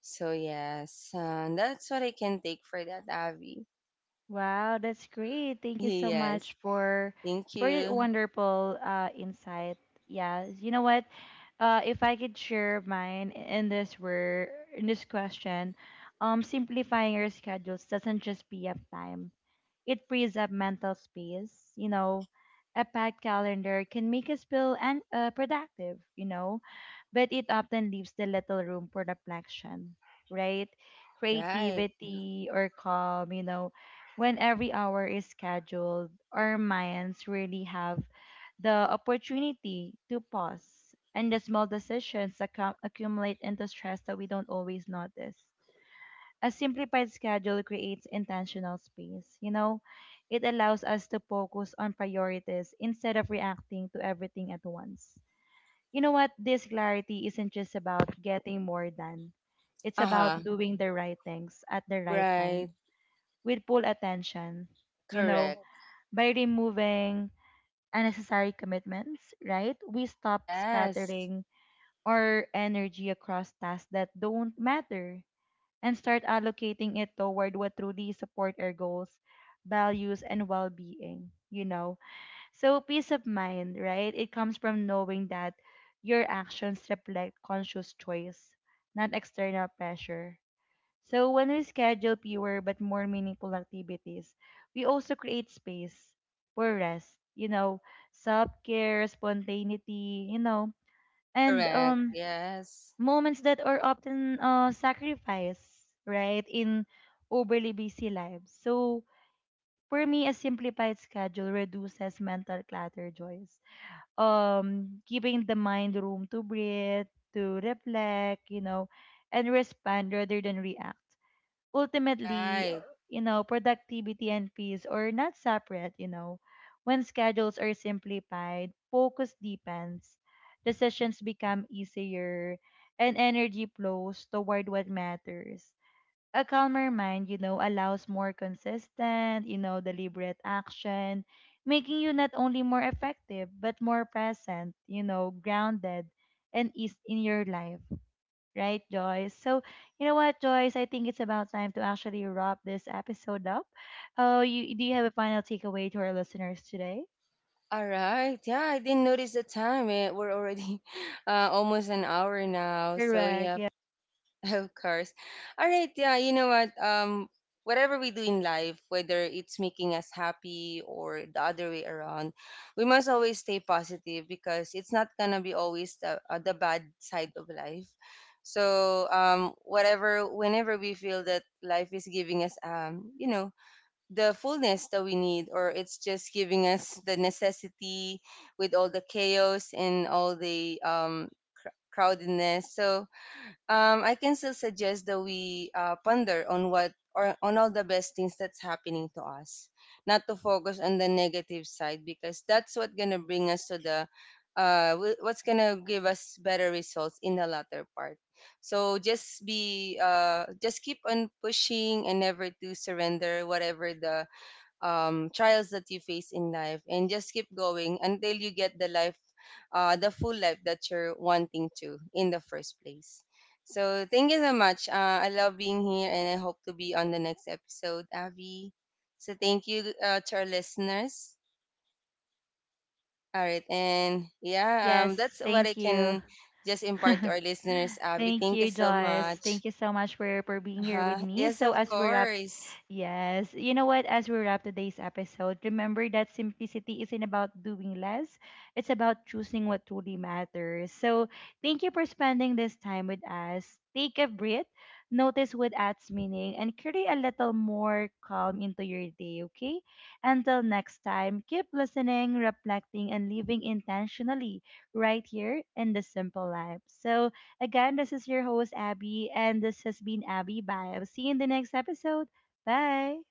Speaker 2: So yes, um, that's what I can take for that, Abby. [laughs]
Speaker 1: Wow, that's great. Thank you so
Speaker 2: Yes,
Speaker 1: much for
Speaker 2: thank
Speaker 1: for that
Speaker 2: you.
Speaker 1: wonderful uh, insight. Yeah, you know what? Uh, if I could share mine in this word, in this question, um, simplifying your schedules doesn't just free up time. It frees up mental space. You know, a packed calendar can make us feel and uh, productive, you know, but it often leaves the little room for reflection, right?
Speaker 2: Right.
Speaker 1: Creativity or calm, you know, when every hour is scheduled, our minds really have the opportunity to pause, and the small decisions accu- accumulate into stress that we don't always notice. A simplified schedule creates intentional space. You know, it allows us to focus on priorities instead of reacting to everything at once. You know what? This clarity isn't just about getting more done, it's
Speaker 2: Uh huh.
Speaker 1: about doing the right things at the right
Speaker 2: Right.
Speaker 1: time with full attention. You
Speaker 2: Correct.
Speaker 1: know, by removing unnecessary commitments, right? We stop
Speaker 2: Yes.
Speaker 1: scattering our energy across tasks that don't matter, and start allocating it toward what truly support our goals, values, and well-being, you know. So peace of mind, right? It comes from knowing that your actions reflect conscious choice, not external pressure. So when we schedule fewer but more meaningful activities, we also create space for rest, you know, self-care, spontaneity, you know, and
Speaker 2: Correct.
Speaker 1: um
Speaker 2: Yes.
Speaker 1: moments that are often uh, sacrificed, right, in overly busy lives. So for me, a simplified schedule reduces mental clutter, Joyce. Um, giving the mind room to breathe, to reflect, you know, and respond rather than react. Ultimately, uh,
Speaker 2: Right.
Speaker 1: you know, productivity and peace are not separate, you know. When schedules are simplified, focus deepens, decisions become easier, and energy flows toward what matters. A calmer mind, you know, allows more consistent, you know, deliberate action, making you not only more effective, but more present, you know, grounded and is in your life. Right, Joyce? So, you know what, Joyce? I think it's about time to actually wrap this episode up. Oh, you do you have a final takeaway to our listeners today?
Speaker 2: All right. Yeah, I didn't notice the time. Eh, We're already [laughs] uh, almost an hour now. So
Speaker 1: Correct.
Speaker 2: yeah,
Speaker 1: Yeah.
Speaker 2: [laughs] of course. All right. Yeah. You know what? Um, whatever we do in life, whether it's making us happy or the other way around, we must always stay positive because it's not gonna be always the uh, the bad side of life. So, um, whatever, whenever we feel that life is giving us, um, you know, the fullness that we need, or it's just giving us the necessity with all the chaos and all the um, cr- crowdedness. So, um, I can still suggest that we uh, ponder on what or on all the best things that's happening to us, not to focus on the negative side, because that's what gonna bring us to the uh, wh- what's gonna give us better results in the latter part. So just be uh, just keep on pushing and never to surrender whatever the um, trials that you face in life, and just keep going until you get the life uh, the full life that you're wanting to in the first place. So thank you so much. uh, I love being here and I hope to be on the next episode, Avi. So thank you uh, to our listeners. All right. And yeah,
Speaker 1: Yes,
Speaker 2: um, that's what I
Speaker 1: thank you.
Speaker 2: can just impart to
Speaker 1: [laughs]
Speaker 2: our listeners. Avi,
Speaker 1: Thank
Speaker 2: thank you
Speaker 1: you,
Speaker 2: so
Speaker 1: Joyce.
Speaker 2: much.
Speaker 1: Thank you so much for, for being here with
Speaker 2: Uh-huh.
Speaker 1: me.
Speaker 2: Yes,
Speaker 1: So
Speaker 2: of
Speaker 1: as we wrap.
Speaker 2: course.
Speaker 1: Yes. You know what? As we wrap today's episode, remember that simplicity isn't about doing less, it's about choosing what truly matters. So, thank you for spending this time with us. Take a breath, notice what adds meaning, and carry a little more calm into your day, okay? Until next time, keep listening, reflecting, and living intentionally right here in the simple life. So, again, this is your host, Abby, and this has been Abby Bio. See you in the next episode. Bye.